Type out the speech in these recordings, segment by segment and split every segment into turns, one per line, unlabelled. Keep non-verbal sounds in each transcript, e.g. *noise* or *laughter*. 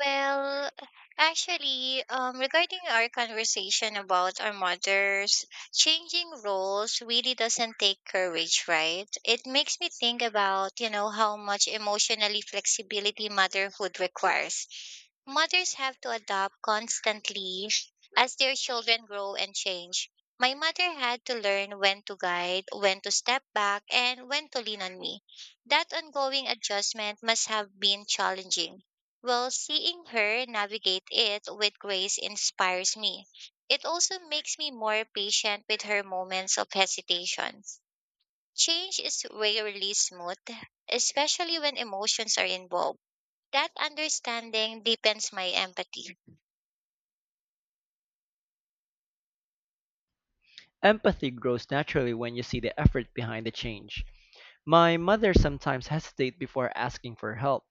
Well, actually, regarding our conversation about our mothers, changing roles really doesn't take courage, right? It makes me think about, you know, how much emotionally flexibility motherhood requires. Mothers have to adapt constantly as their children grow and change. My mother had to learn when to guide, when to step back, and when to lean on me. That ongoing adjustment must have been challenging, well, seeing her navigate it with grace inspires me. It also makes me more patient with her moments of hesitation. Change is rarely smooth, especially when emotions are involved. That understanding deepens my empathy.
Empathy grows naturally when you see the effort behind the change. My mother sometimes hesitates before asking for help,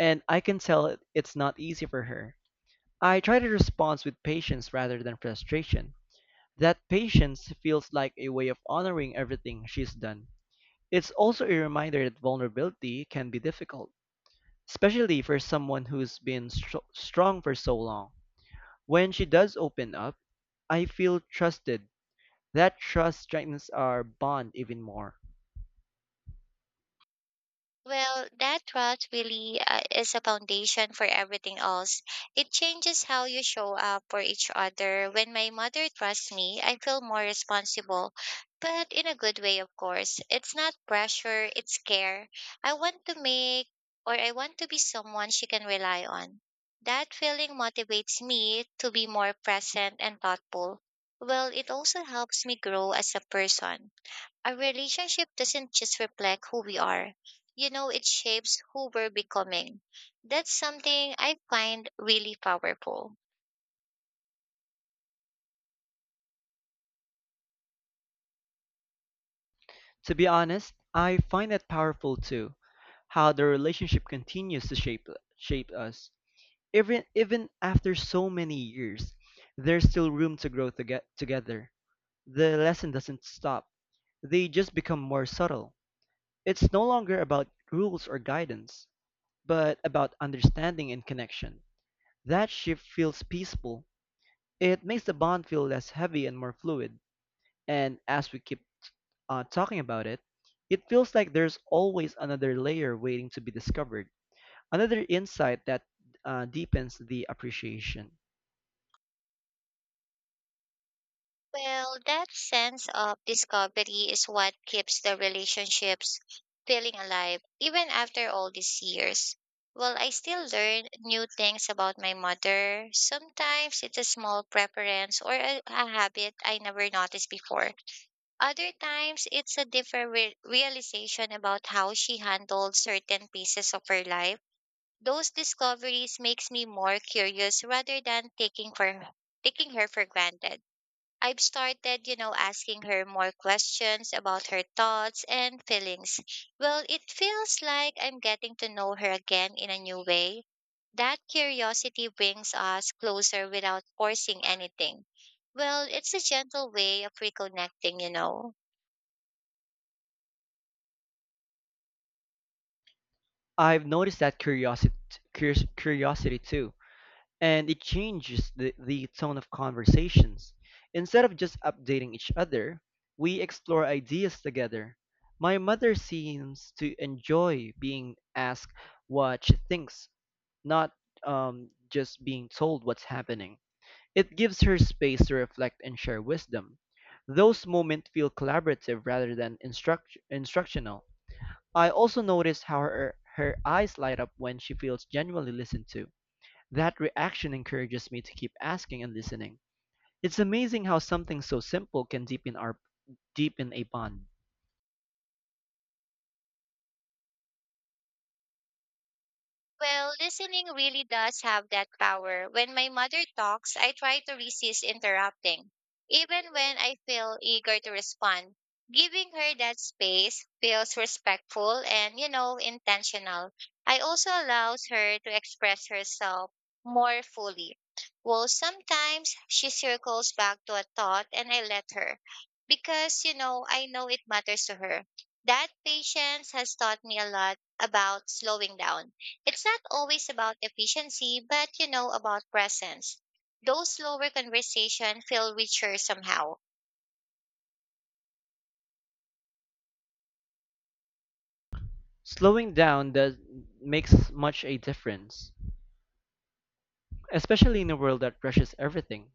and I can tell it's not easy for her. I try to respond with patience rather than frustration. That patience feels like a way of honoring everything she's done. It's also a reminder that vulnerability can be difficult, especially for someone who's been strong for so long. When she does open up, I feel trusted. That trust strengthens our bond even more.
Well, that trust really is a foundation for everything else. It changes how you show up for each other. When my mother trusts me, I feel more responsible, but in a good way, of course. It's not pressure, it's care. I want to make I want to be someone she can rely on. That feeling motivates me to be more present and thoughtful. Well, it also helps me grow as a person. A relationship doesn't just reflect who we are. You know, it shapes who we're becoming. That's something I find really powerful.
To be honest, I find that powerful too, how the relationship continues to shape us. Even after so many years, there's still room to grow to get together. The lesson doesn't stop. They just become more subtle. It's no longer about rules or guidance, but about understanding and connection. That shift feels peaceful. It makes the bond feel less heavy and more fluid. And as we keep talking about it, it feels like there's always another layer waiting to be discovered, another insight that deepens the appreciation.
Well, that sense of discovery is what keeps the relationships feeling alive, even after all these years. Well, I still learn new things about my mother. Sometimes it's a small preference or a habit I never noticed before. Other times, it's a different realization about how she handled certain pieces of her life. Those discoveries makes me more curious rather than taking her for granted. I've started, you know, asking her more questions about her thoughts and feelings. Well, it feels like I'm getting to know her again in a new way. That curiosity brings us closer without forcing anything. Well, it's a gentle way of reconnecting.
I've noticed that curiosity too, and it changes the tone of conversations. Instead of just updating each other, we explore ideas together. My mother seems to enjoy being asked what she thinks, not just being told what's happening. It gives her space to reflect and share wisdom. Those moments feel collaborative rather than instructional. I also notice how her eyes light up when she feels genuinely listened to. That reaction encourages me to keep asking and listening. It's amazing how something so simple can deepen a bond.
Well, listening really does have that power. When my mother talks, I try to resist interrupting, even when I feel eager to respond. Giving her that space feels respectful and, you know, intentional. I also allows her to express herself more fully. Well, sometimes she circles back to a thought and I let her because, you know, I know it matters to her. That patience has taught me a lot about slowing down. It's not always about efficiency, but you know, about presence. Those slower conversations feel richer somehow.
Slowing down does makes much a difference, especially in a world that rushes everything.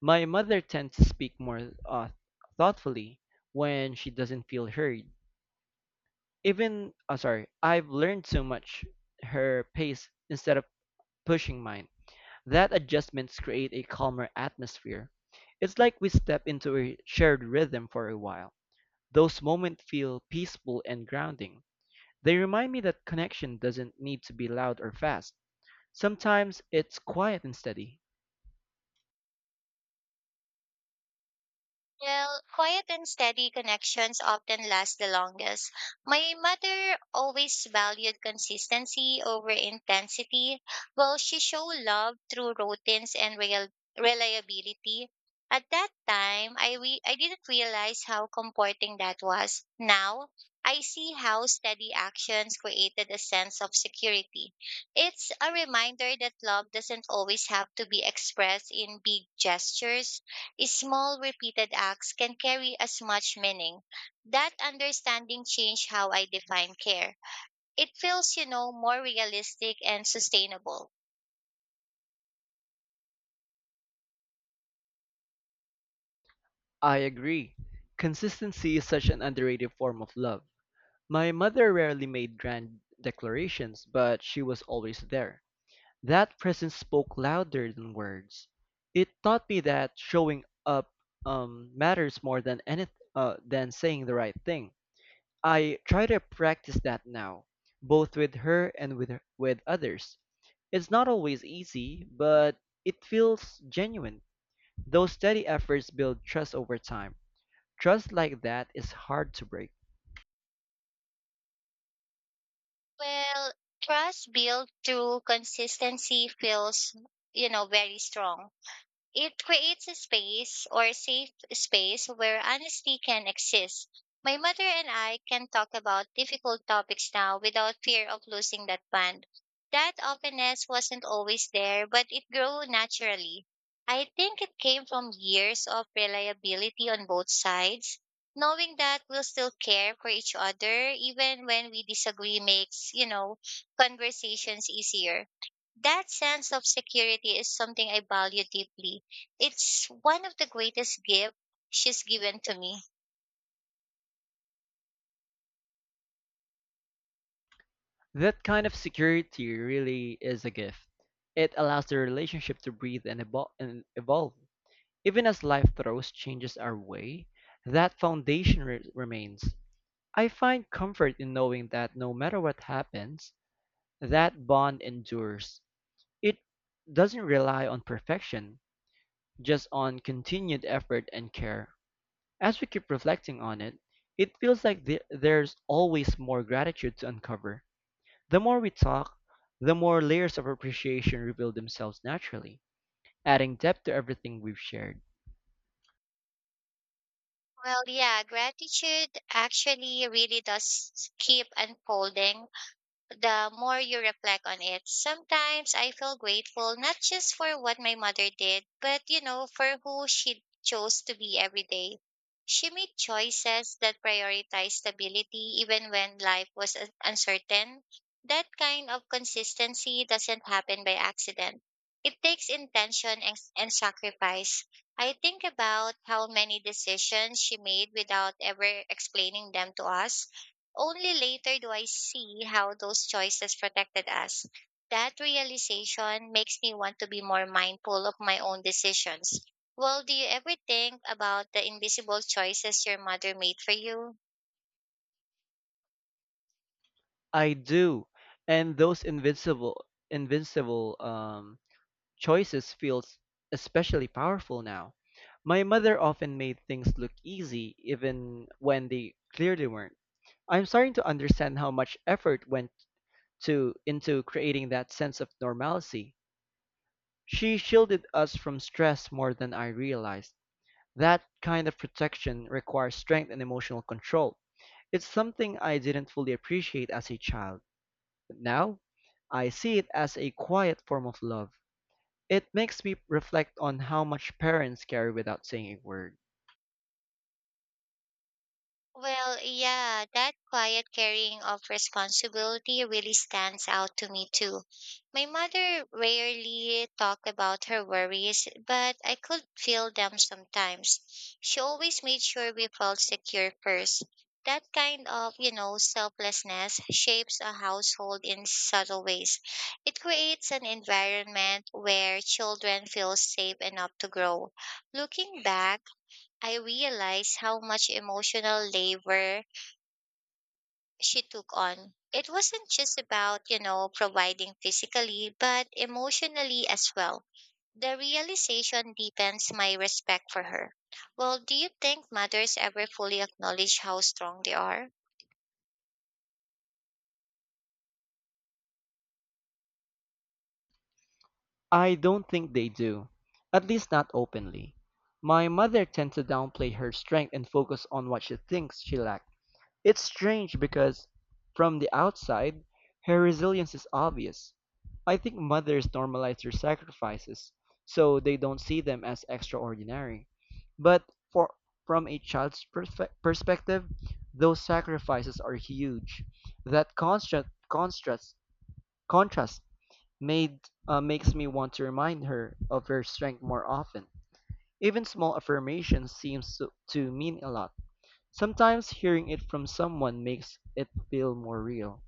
My mother tends to speak more thoughtfully when she doesn't feel heard. I've learned so much her pace instead of pushing mine. That adjustments create a calmer atmosphere. It's like we step into a shared rhythm for a while. Those moments feel peaceful and grounding. They remind me that connection doesn't need to be loud or fast. Sometimes it's quiet and steady.
Well, quiet and steady connections often last the longest. My mother always valued consistency over intensity. Well, she showed love through routines and real reliability. At that time, I didn't realize how comforting that was. Now, I see how steady actions created a sense of security. It's a reminder that love doesn't always have to be expressed in big gestures. Small repeated acts can carry as much meaning. That understanding changed how I define care. It feels, you know, more realistic and sustainable.
I agree. Consistency is such an underrated form of love. My mother rarely made grand declarations, but she was always there. That presence spoke louder than words. It taught me that showing up matters more than than saying the right thing. I try to practice that now, both with her and with others. It's not always easy, but it feels genuine. Those steady efforts build trust over time. Trust like that is hard to break.
Well, trust built through consistency feels, you know, very strong. It creates a space or a safe space where honesty can exist. My mother and I can talk about difficult topics now without fear of losing that bond. That openness wasn't always there, but it grew naturally. I think it came from years of reliability on both sides. Knowing that we'll still care for each other even when we disagree makes, you know, conversations easier. That sense of security is something I value deeply. It's one of the greatest gifts she's given to me.
That kind of security really is a gift. It allows the relationship to breathe and, evolve. Even as life throws changes our way, that foundation remains. I find comfort in knowing that no matter what happens, that bond endures. It doesn't rely on perfection, just on continued effort and care. As we keep reflecting on it, it feels like there's always more gratitude to uncover the more we talk, the more layers of appreciation reveal themselves naturally, adding depth to everything we've shared.
Well, yeah, gratitude actually really does keep unfolding the more you reflect on it. Sometimes I feel grateful not just for what my mother did, but you know, for who she chose to be every day. She made choices that prioritized stability even when life was uncertain. That kind of consistency doesn't happen by accident. It takes intention and, sacrifice. I think about how many decisions she made without ever explaining them to us. Only later do I see how those choices protected us. That realization makes me want to be more mindful of my own decisions. Well, do you ever think about the invisible choices your mother made for you?
I do, and those invincible choices feels especially powerful now. My mother often made things look easy, even when they clearly weren't. I'm starting to understand how much effort went to into creating that sense of normalcy. She shielded us from stress more than I realized. That kind of protection requires strength and emotional control. It's something I didn't fully appreciate as a child, but now I see it as a quiet form of love. It makes me reflect on how much parents carry without saying a word.
Well, yeah, that quiet carrying of responsibility really stands out to me too. My mother rarely talked about her worries, but I could feel them sometimes. She always made sure we felt secure first. That kind of, you know, selflessness shapes a household in subtle ways. It creates an environment where children feel safe enough to grow. Looking back, I realized how much emotional labor she took on. It wasn't just about, you know, providing physically, but emotionally as well. The realization deepens my respect for her. Well, do you think mothers ever fully acknowledge how strong they are?
I don't think they do, at least not openly. My mother tends to downplay her strength and focus on what she thinks she lacks. It's strange because, from the outside, her resilience is obvious. I think mothers normalize their sacrifices, so they don't see them as extraordinary. But for from a child's perspective, those sacrifices are huge. That contrast made makes me want to remind her of her strength more often. Even small affirmations seems to mean a lot. Sometimes hearing it from someone makes it feel more real.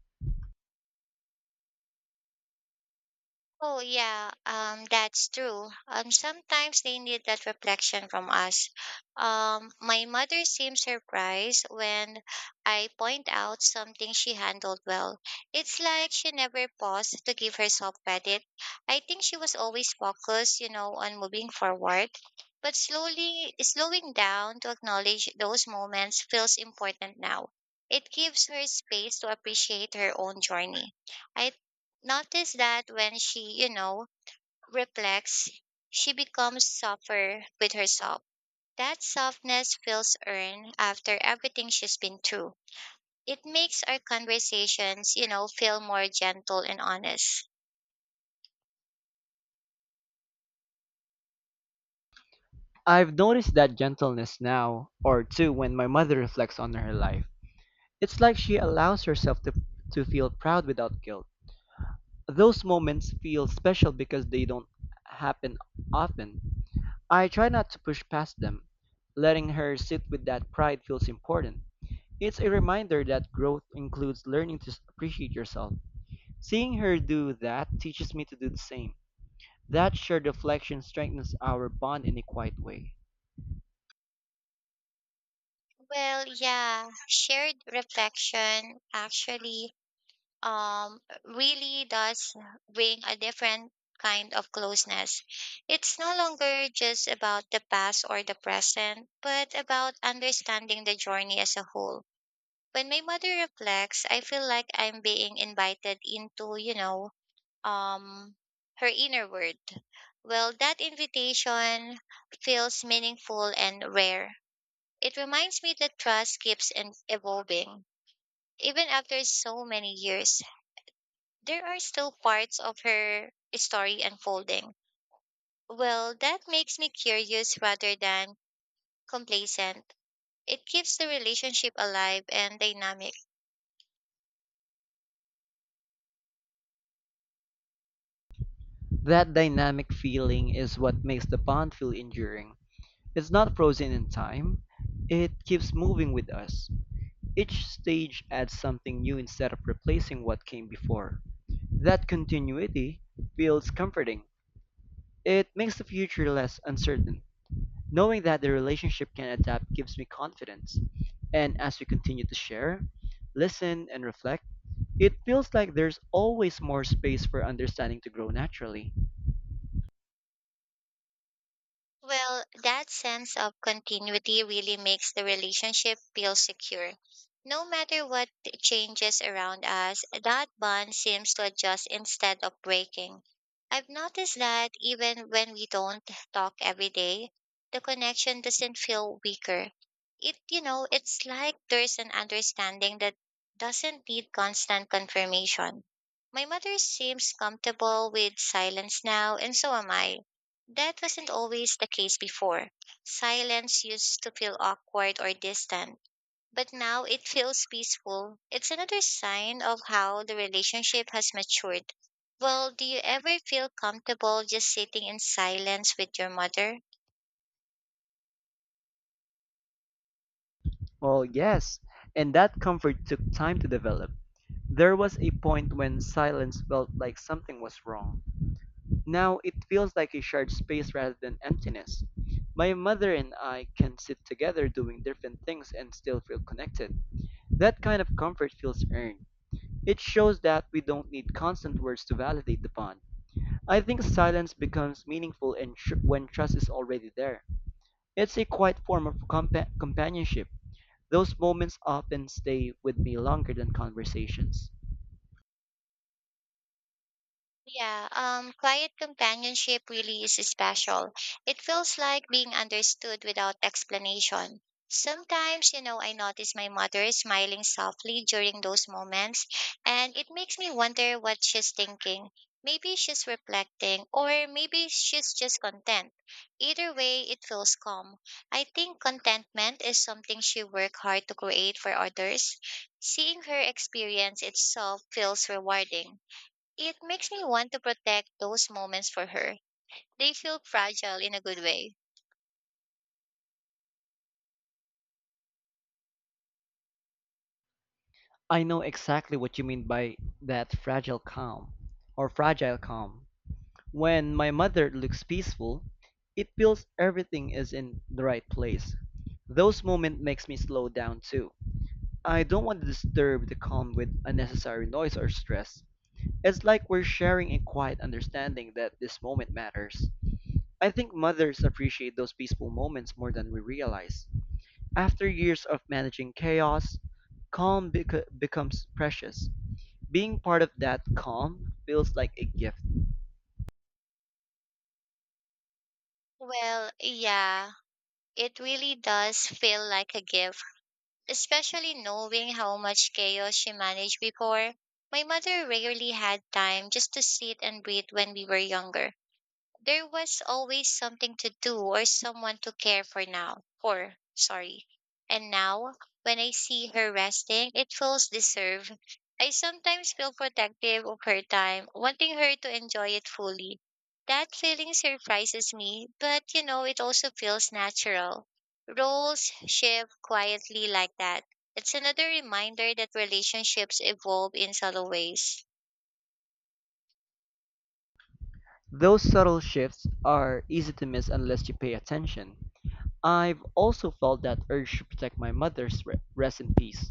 Oh yeah, that's true. Sometimes they need that reflection from us. My mother seems surprised when I point out something she handled well. It's like she never paused to give herself credit. I think she was always focused, you know, on moving forward. But slowly slowing down to acknowledge those moments feels important now. It gives her space to appreciate her own journey. I notice that when she, you know, reflects, she becomes softer with herself. That softness feels earned after everything she's been through. It makes our conversations, you know, feel more gentle and honest.
I've noticed that gentleness now or too when my mother reflects on her life. It's like she allows herself to feel proud without guilt. Those moments feel special because they don't happen often. I try not to push past them. Letting her sit with that pride feels important. It's a reminder that growth includes learning to appreciate yourself. Seeing her do that teaches me to do the same. That shared reflection strengthens our bond in a quiet way.
Well, yeah, shared reflection actually um, really does bring a different kind of closeness. It's no longer just about the past or the present, but about understanding the journey as a whole. When my mother reflects, I feel like I'm being invited into, you know, um, her inner world. Well, that invitation feels meaningful and rare. It reminds me that trust keeps evolving, even after so many years there are still parts of her story unfolding. Well, that makes me curious rather than complacent. It keeps the relationship alive and dynamic.
That dynamic feeling is what makes the bond feel enduring. It's not frozen in time, it keeps moving with us. Each stage adds something new instead of replacing what came before. That continuity feels comforting. It makes the future less uncertain. Knowing that the relationship can adapt gives me confidence. And as we continue to share, listen, and reflect, it feels like there's always more space for understanding to grow naturally.
Well, that sense of continuity really makes the relationship feel secure. No matter what changes around us, that bond seems to adjust instead of breaking. I've noticed that even when we don't talk every day, the connection doesn't feel weaker. It, you know, it's like there's an understanding that doesn't need constant confirmation. My mother seems comfortable with silence now, and so am I. That wasn't always the case before. Silence used to feel awkward or distant, but now it feels peaceful. It's another sign of how the relationship has matured. Well, do you ever feel comfortable just sitting in silence with your mother?
Well, yes, and that comfort took time to develop. There was a point when silence felt like something was wrong. Now it feels like a shared space rather than emptiness. My mother and I can sit together doing different things and still feel connected. That kind of comfort feels earned. It shows that we don't need constant words to validate the bond. I think silence becomes meaningful and when trust is already there. It's a quiet form of companionship. Those moments often stay with me longer than conversations.
Yeah, quiet companionship really is special. It feels like being understood without explanation. Sometimes, you know, I notice my mother smiling softly during those moments, and it makes me wonder what she's thinking. Maybe she's reflecting, or maybe she's just content. Either way, it feels calm. I think contentment is something she worked hard to create for others. Seeing her experience itself feels rewarding. It makes me want to protect those moments for her. They feel fragile in a good way.
I know exactly what you mean by that fragile calm. When my mother looks peaceful, it feels everything is in the right place. Those moments makes me slow down too. I don't want to disturb the calm with unnecessary noise or stress. It's like we're sharing a quiet understanding that this moment matters. I think mothers appreciate those peaceful moments more than we realize. After years of managing chaos, becomes precious. Being part of that calm feels like a gift.
Well, yeah, it really does feel like a gift, especially knowing how much chaos she managed before. My mother rarely had time just to sit and breathe when we were younger. There was always something to do or someone to care for now for sorry and now when I see her resting, it feels deserved. I sometimes feel protective of her time, wanting her to enjoy it fully. That feeling surprises me, but you know, it also feels natural. Roles shift quietly like that. It's another reminder that relationships evolve in subtle ways.
Those subtle shifts are easy to miss unless you pay attention. I've also felt that urge to protect my mother's rest in peace.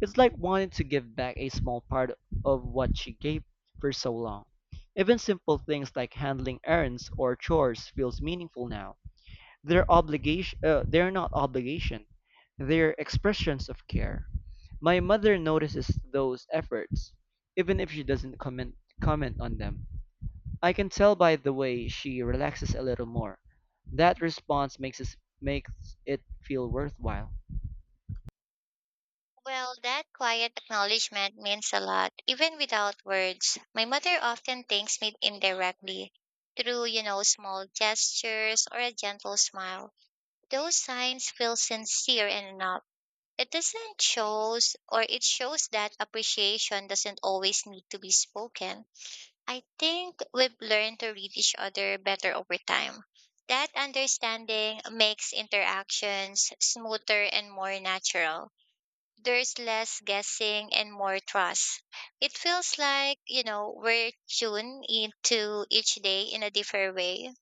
It's like wanting to give back a small part of what she gave for so long. Even simple things like handling errands or chores feels meaningful now. They're not obligation. They're expressions of care. My mother notices those efforts, even if she doesn't comment on them. I can tell by the way she relaxes a little more. That response makes it feel worthwhile.
Well, that quiet acknowledgement means a lot, even without words. My mother often thanks me indirectly through, you know, small gestures or a gentle smile. Those signs feel sincere and enough. It shows that appreciation doesn't always need to be spoken. I think we've learned to read each other better over time. That understanding makes interactions smoother and more natural. There's less guessing and more trust. It feels like, you know, we're tuned into each day in a different way.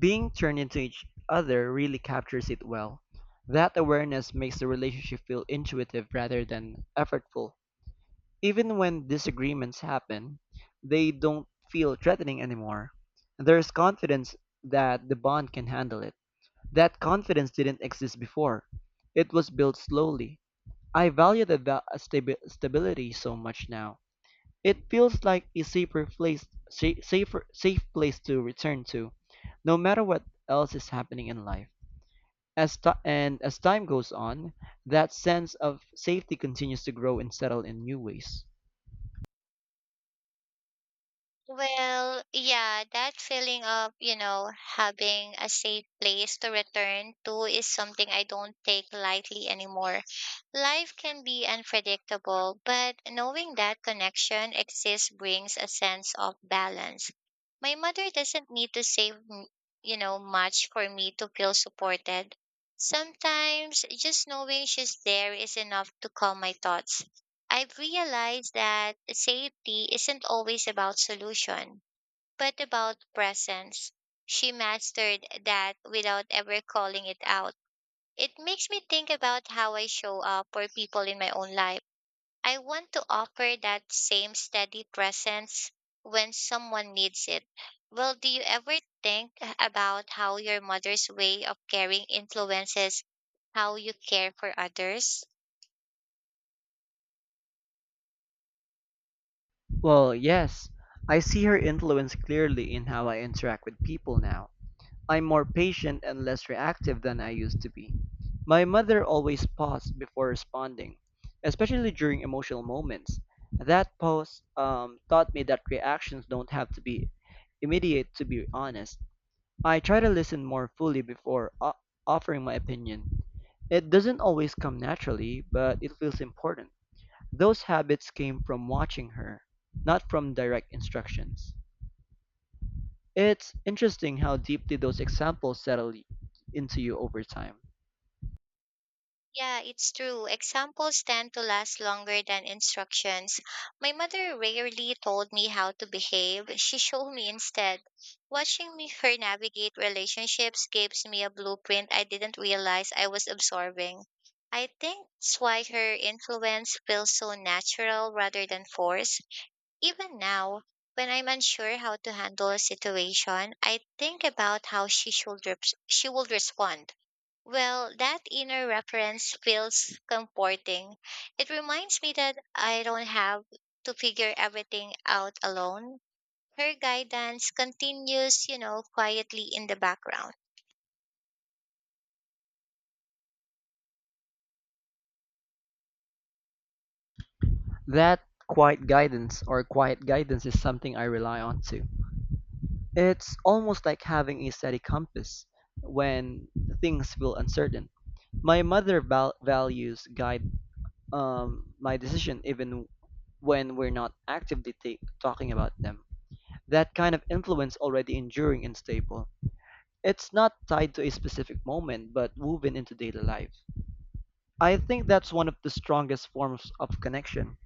Being turned into each other really captures it well. That awareness makes the relationship feel intuitive rather than effortful. Even when disagreements happen, they don't feel threatening anymore. There's confidence that the bond can handle it. That confidence didn't exist before. It was built slowly. I value the stability so much now. It feels like a safe place to return to, no matter what else is happening in life. And as time goes on, that sense of safety continues to grow and settle in new ways.
Well, yeah, that feeling of, you know, having a safe place to return to is something I don't take lightly anymore. Life can be unpredictable, but knowing that connection exists brings a sense of balance. My mother doesn't need to you know, much for me to feel supported. Sometimes just knowing she's there is enough to calm my thoughts. I've realized that safety isn't always about solution, but about presence. She mastered that without ever calling it out. It makes me think about how I show up for people in my own life. I want to offer that same steady presence when someone needs it. Well, do you ever think about how your mother's way of caring influences how you care for others?
Well, yes, I see her influence clearly in how I interact with people now. I'm more patient and less reactive than I used to be. My mother always paused before responding, especially during emotional moments. That pause taught me that reactions don't have to be immediate to be honest. I try to listen more fully before offering my opinion. It doesn't always come naturally, but it feels important. Those habits came from watching her, not from direct instructions. It's interesting how deeply those examples settle into you over time.
Yeah, it's true. Examples tend to last longer than instructions. My mother rarely told me how to behave. She showed me instead. Watching me *laughs* her navigate relationships gives me a blueprint I didn't realize I was absorbing. I think that's why her influence feels so natural rather than forced. Even now, when I'm unsure how to handle a situation, I think about how she will respond. Well, that inner reference feels comforting. It reminds me that I don't have to figure everything out alone. Her guidance continues, you know, quietly in the background.
That quiet guidance is something I rely on too. It's almost like having a steady compass when things feel uncertain. My mother values guide my decision even when we're not actively talking about them. That kind of influence already enduring and stable. It's not tied to a specific moment, but woven into daily life. I think that's one of the strongest forms of connection.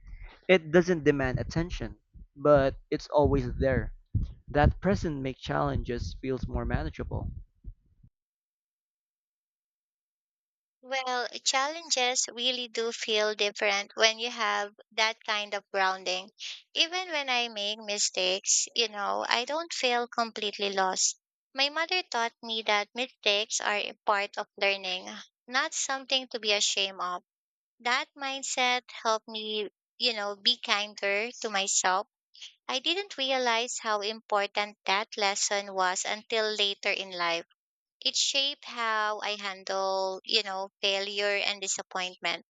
It doesn't demand attention, but it's always there. That presence makes challenges feels more manageable.
Well, challenges really do feel different when you have that kind of grounding. Even when I make mistakes, you know, I don't feel completely lost. My mother taught me that mistakes are a part of learning, not something to be ashamed of. That mindset helped me, be kinder to myself. I didn't realize how important that lesson was until later in life. It shaped how I handle failure and disappointment.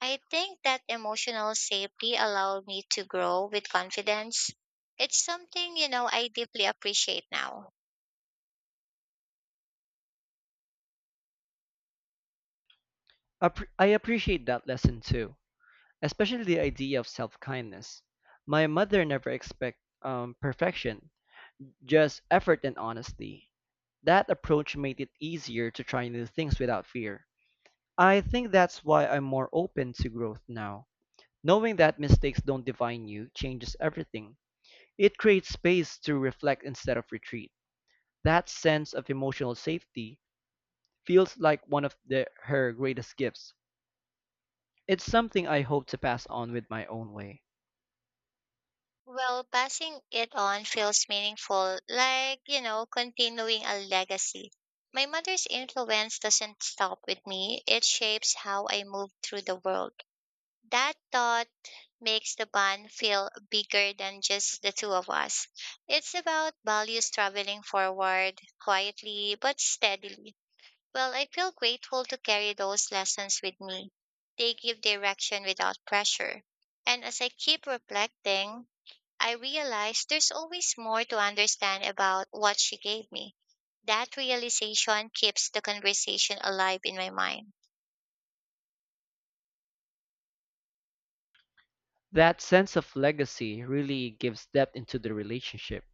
I think that emotional safety allowed me to grow with confidence. It's something I deeply appreciate now.
I appreciate that lesson too, especially the idea of self-kindness. My mother never expect perfection, just effort and honesty. That approach made it easier to try new things without fear. I think that's why I'm more open to growth now. Knowing that mistakes don't define you changes everything. It creates space to reflect instead of retreat. That sense of emotional safety feels like one of her greatest gifts. It's something I hope to pass on with my own way.
Well, passing it on feels meaningful, like continuing a legacy. My mother's influence doesn't stop with me, it shapes how I move through the world. That thought makes the bond feel bigger than just the two of us. It's about values traveling forward, quietly but steadily. Well, I feel grateful to carry those lessons with me. They give direction without pressure. And as I keep reflecting, I realized there's always more to understand about what she gave me. That realization keeps the conversation alive in my mind.
That sense of legacy really gives depth into the relationship.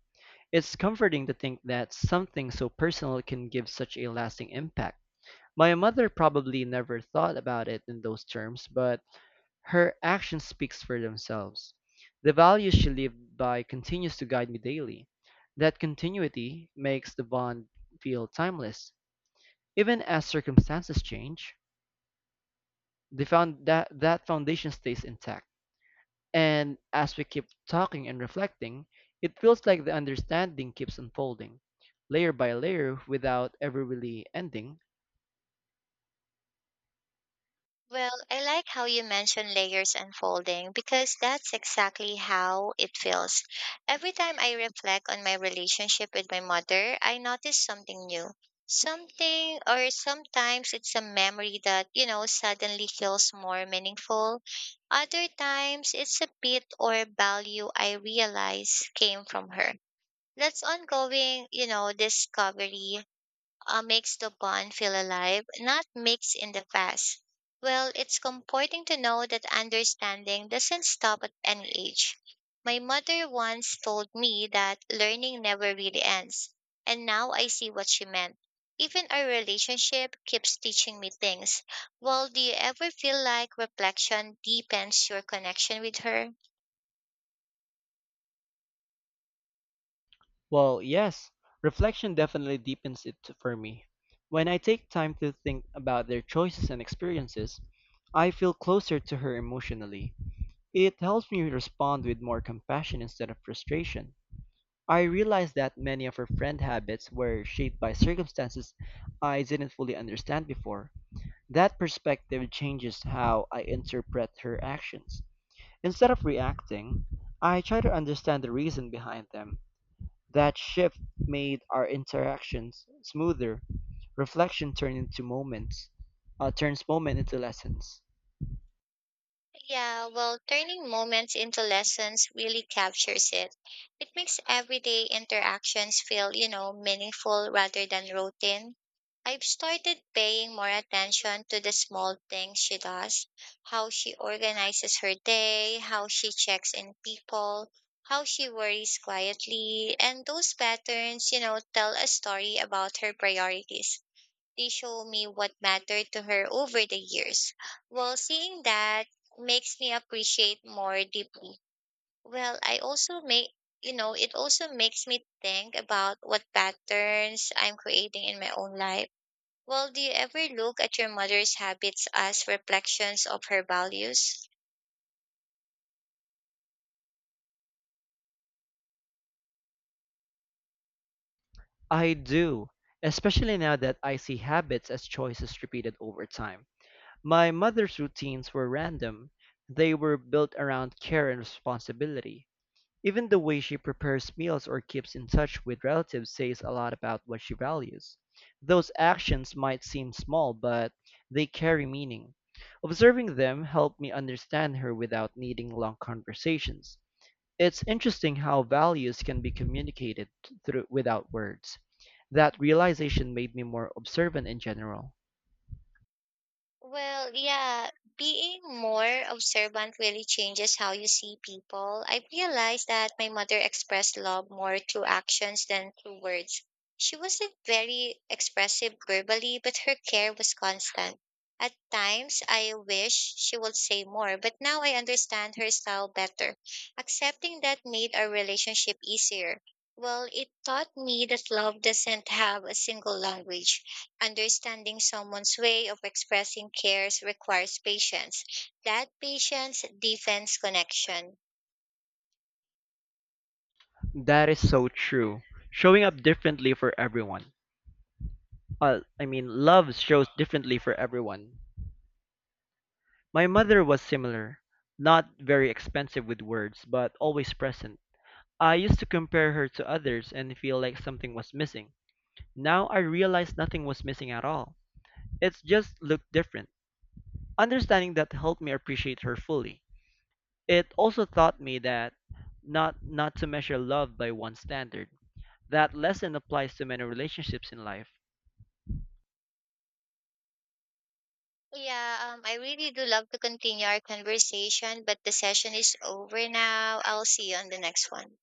It's comforting to think that something so personal can give such a lasting impact. My mother probably never thought about it in those terms, but her actions speak for themselves. The values she lived by continues to guide me daily. That continuity makes the bond feel timeless. Even as circumstances change, the found that, that foundation stays intact. And as we keep talking and reflecting, it feels like the understanding keeps unfolding, layer by layer without ever really ending.
Well, I like how you mention layers and folding because that's exactly how it feels. Every time I reflect on my relationship with my mother, I notice something new. Something, or Sometimes it's a memory that, suddenly feels more meaningful. Other times it's a bit or value I realize came from her. That's ongoing discovery makes the bond feel alive, not mixed in the past. Well, it's comforting to know that understanding doesn't stop at any age. My mother once told me that learning never really ends, and now I see what she meant. Even our relationship keeps teaching me things. Well, do you ever feel like reflection deepens your connection with her?
Well, yes, reflection definitely deepens it for me. When I take time to think about their choices and experiences, I feel closer to her emotionally. It helps me respond with more compassion instead of frustration. I realize that many of her friend habits were shaped by circumstances I didn't fully understand before. That perspective changes how I interpret her actions. Instead of reacting, I try to understand the reason behind them. That shift made our interactions smoother. Reflection turned into moments, turns moment into lessons.
Yeah, well, turning moments into lessons really captures it. It makes everyday interactions feel meaningful rather than routine. I've started paying more attention to the small things she does: how she organizes her day, how she checks in people, how she worries quietly, and those patterns tell a story about her priorities. They show me what mattered to her over the years. Well, seeing that makes me appreciate more deeply. Well, I also make you know, it also makes me think about what patterns I'm creating in my own life. Well, do you ever look at your mother's habits as reflections of her values?
I do, especially now that I see habits as choices repeated over time. My mother's routines were random. They were built around care and responsibility. Even the way she prepares meals or keeps in touch with relatives says a lot about what she values. Those actions might seem small, but they carry meaning. Observing them helped me understand her without needing long conversations. It's interesting how values can be communicated through without words. That realization made me more observant in general.
Well, yeah, being more observant really changes how you see people. I realized that my mother expressed love more through actions than through words. She wasn't very expressive verbally, but her care was constant. At times, I wish she would say more, but now I understand her style better. Accepting that made our relationship easier. Well, it taught me that love doesn't have a single language. Understanding someone's way of expressing cares requires patience. That patience deepens connection.
That is so true. Showing up differently for everyone. I mean, Love shows differently for everyone. My mother was similar, not very expensive with words, but always present. I used to compare her to others and feel like something was missing. Now I realize nothing was missing at all. It just looked different. Understanding that helped me appreciate her fully. It also taught me that not to measure love by one standard. That lesson applies to many relationships in life.
Yeah, I really do love to continue our conversation, but the session is over now. I'll see you on the next one.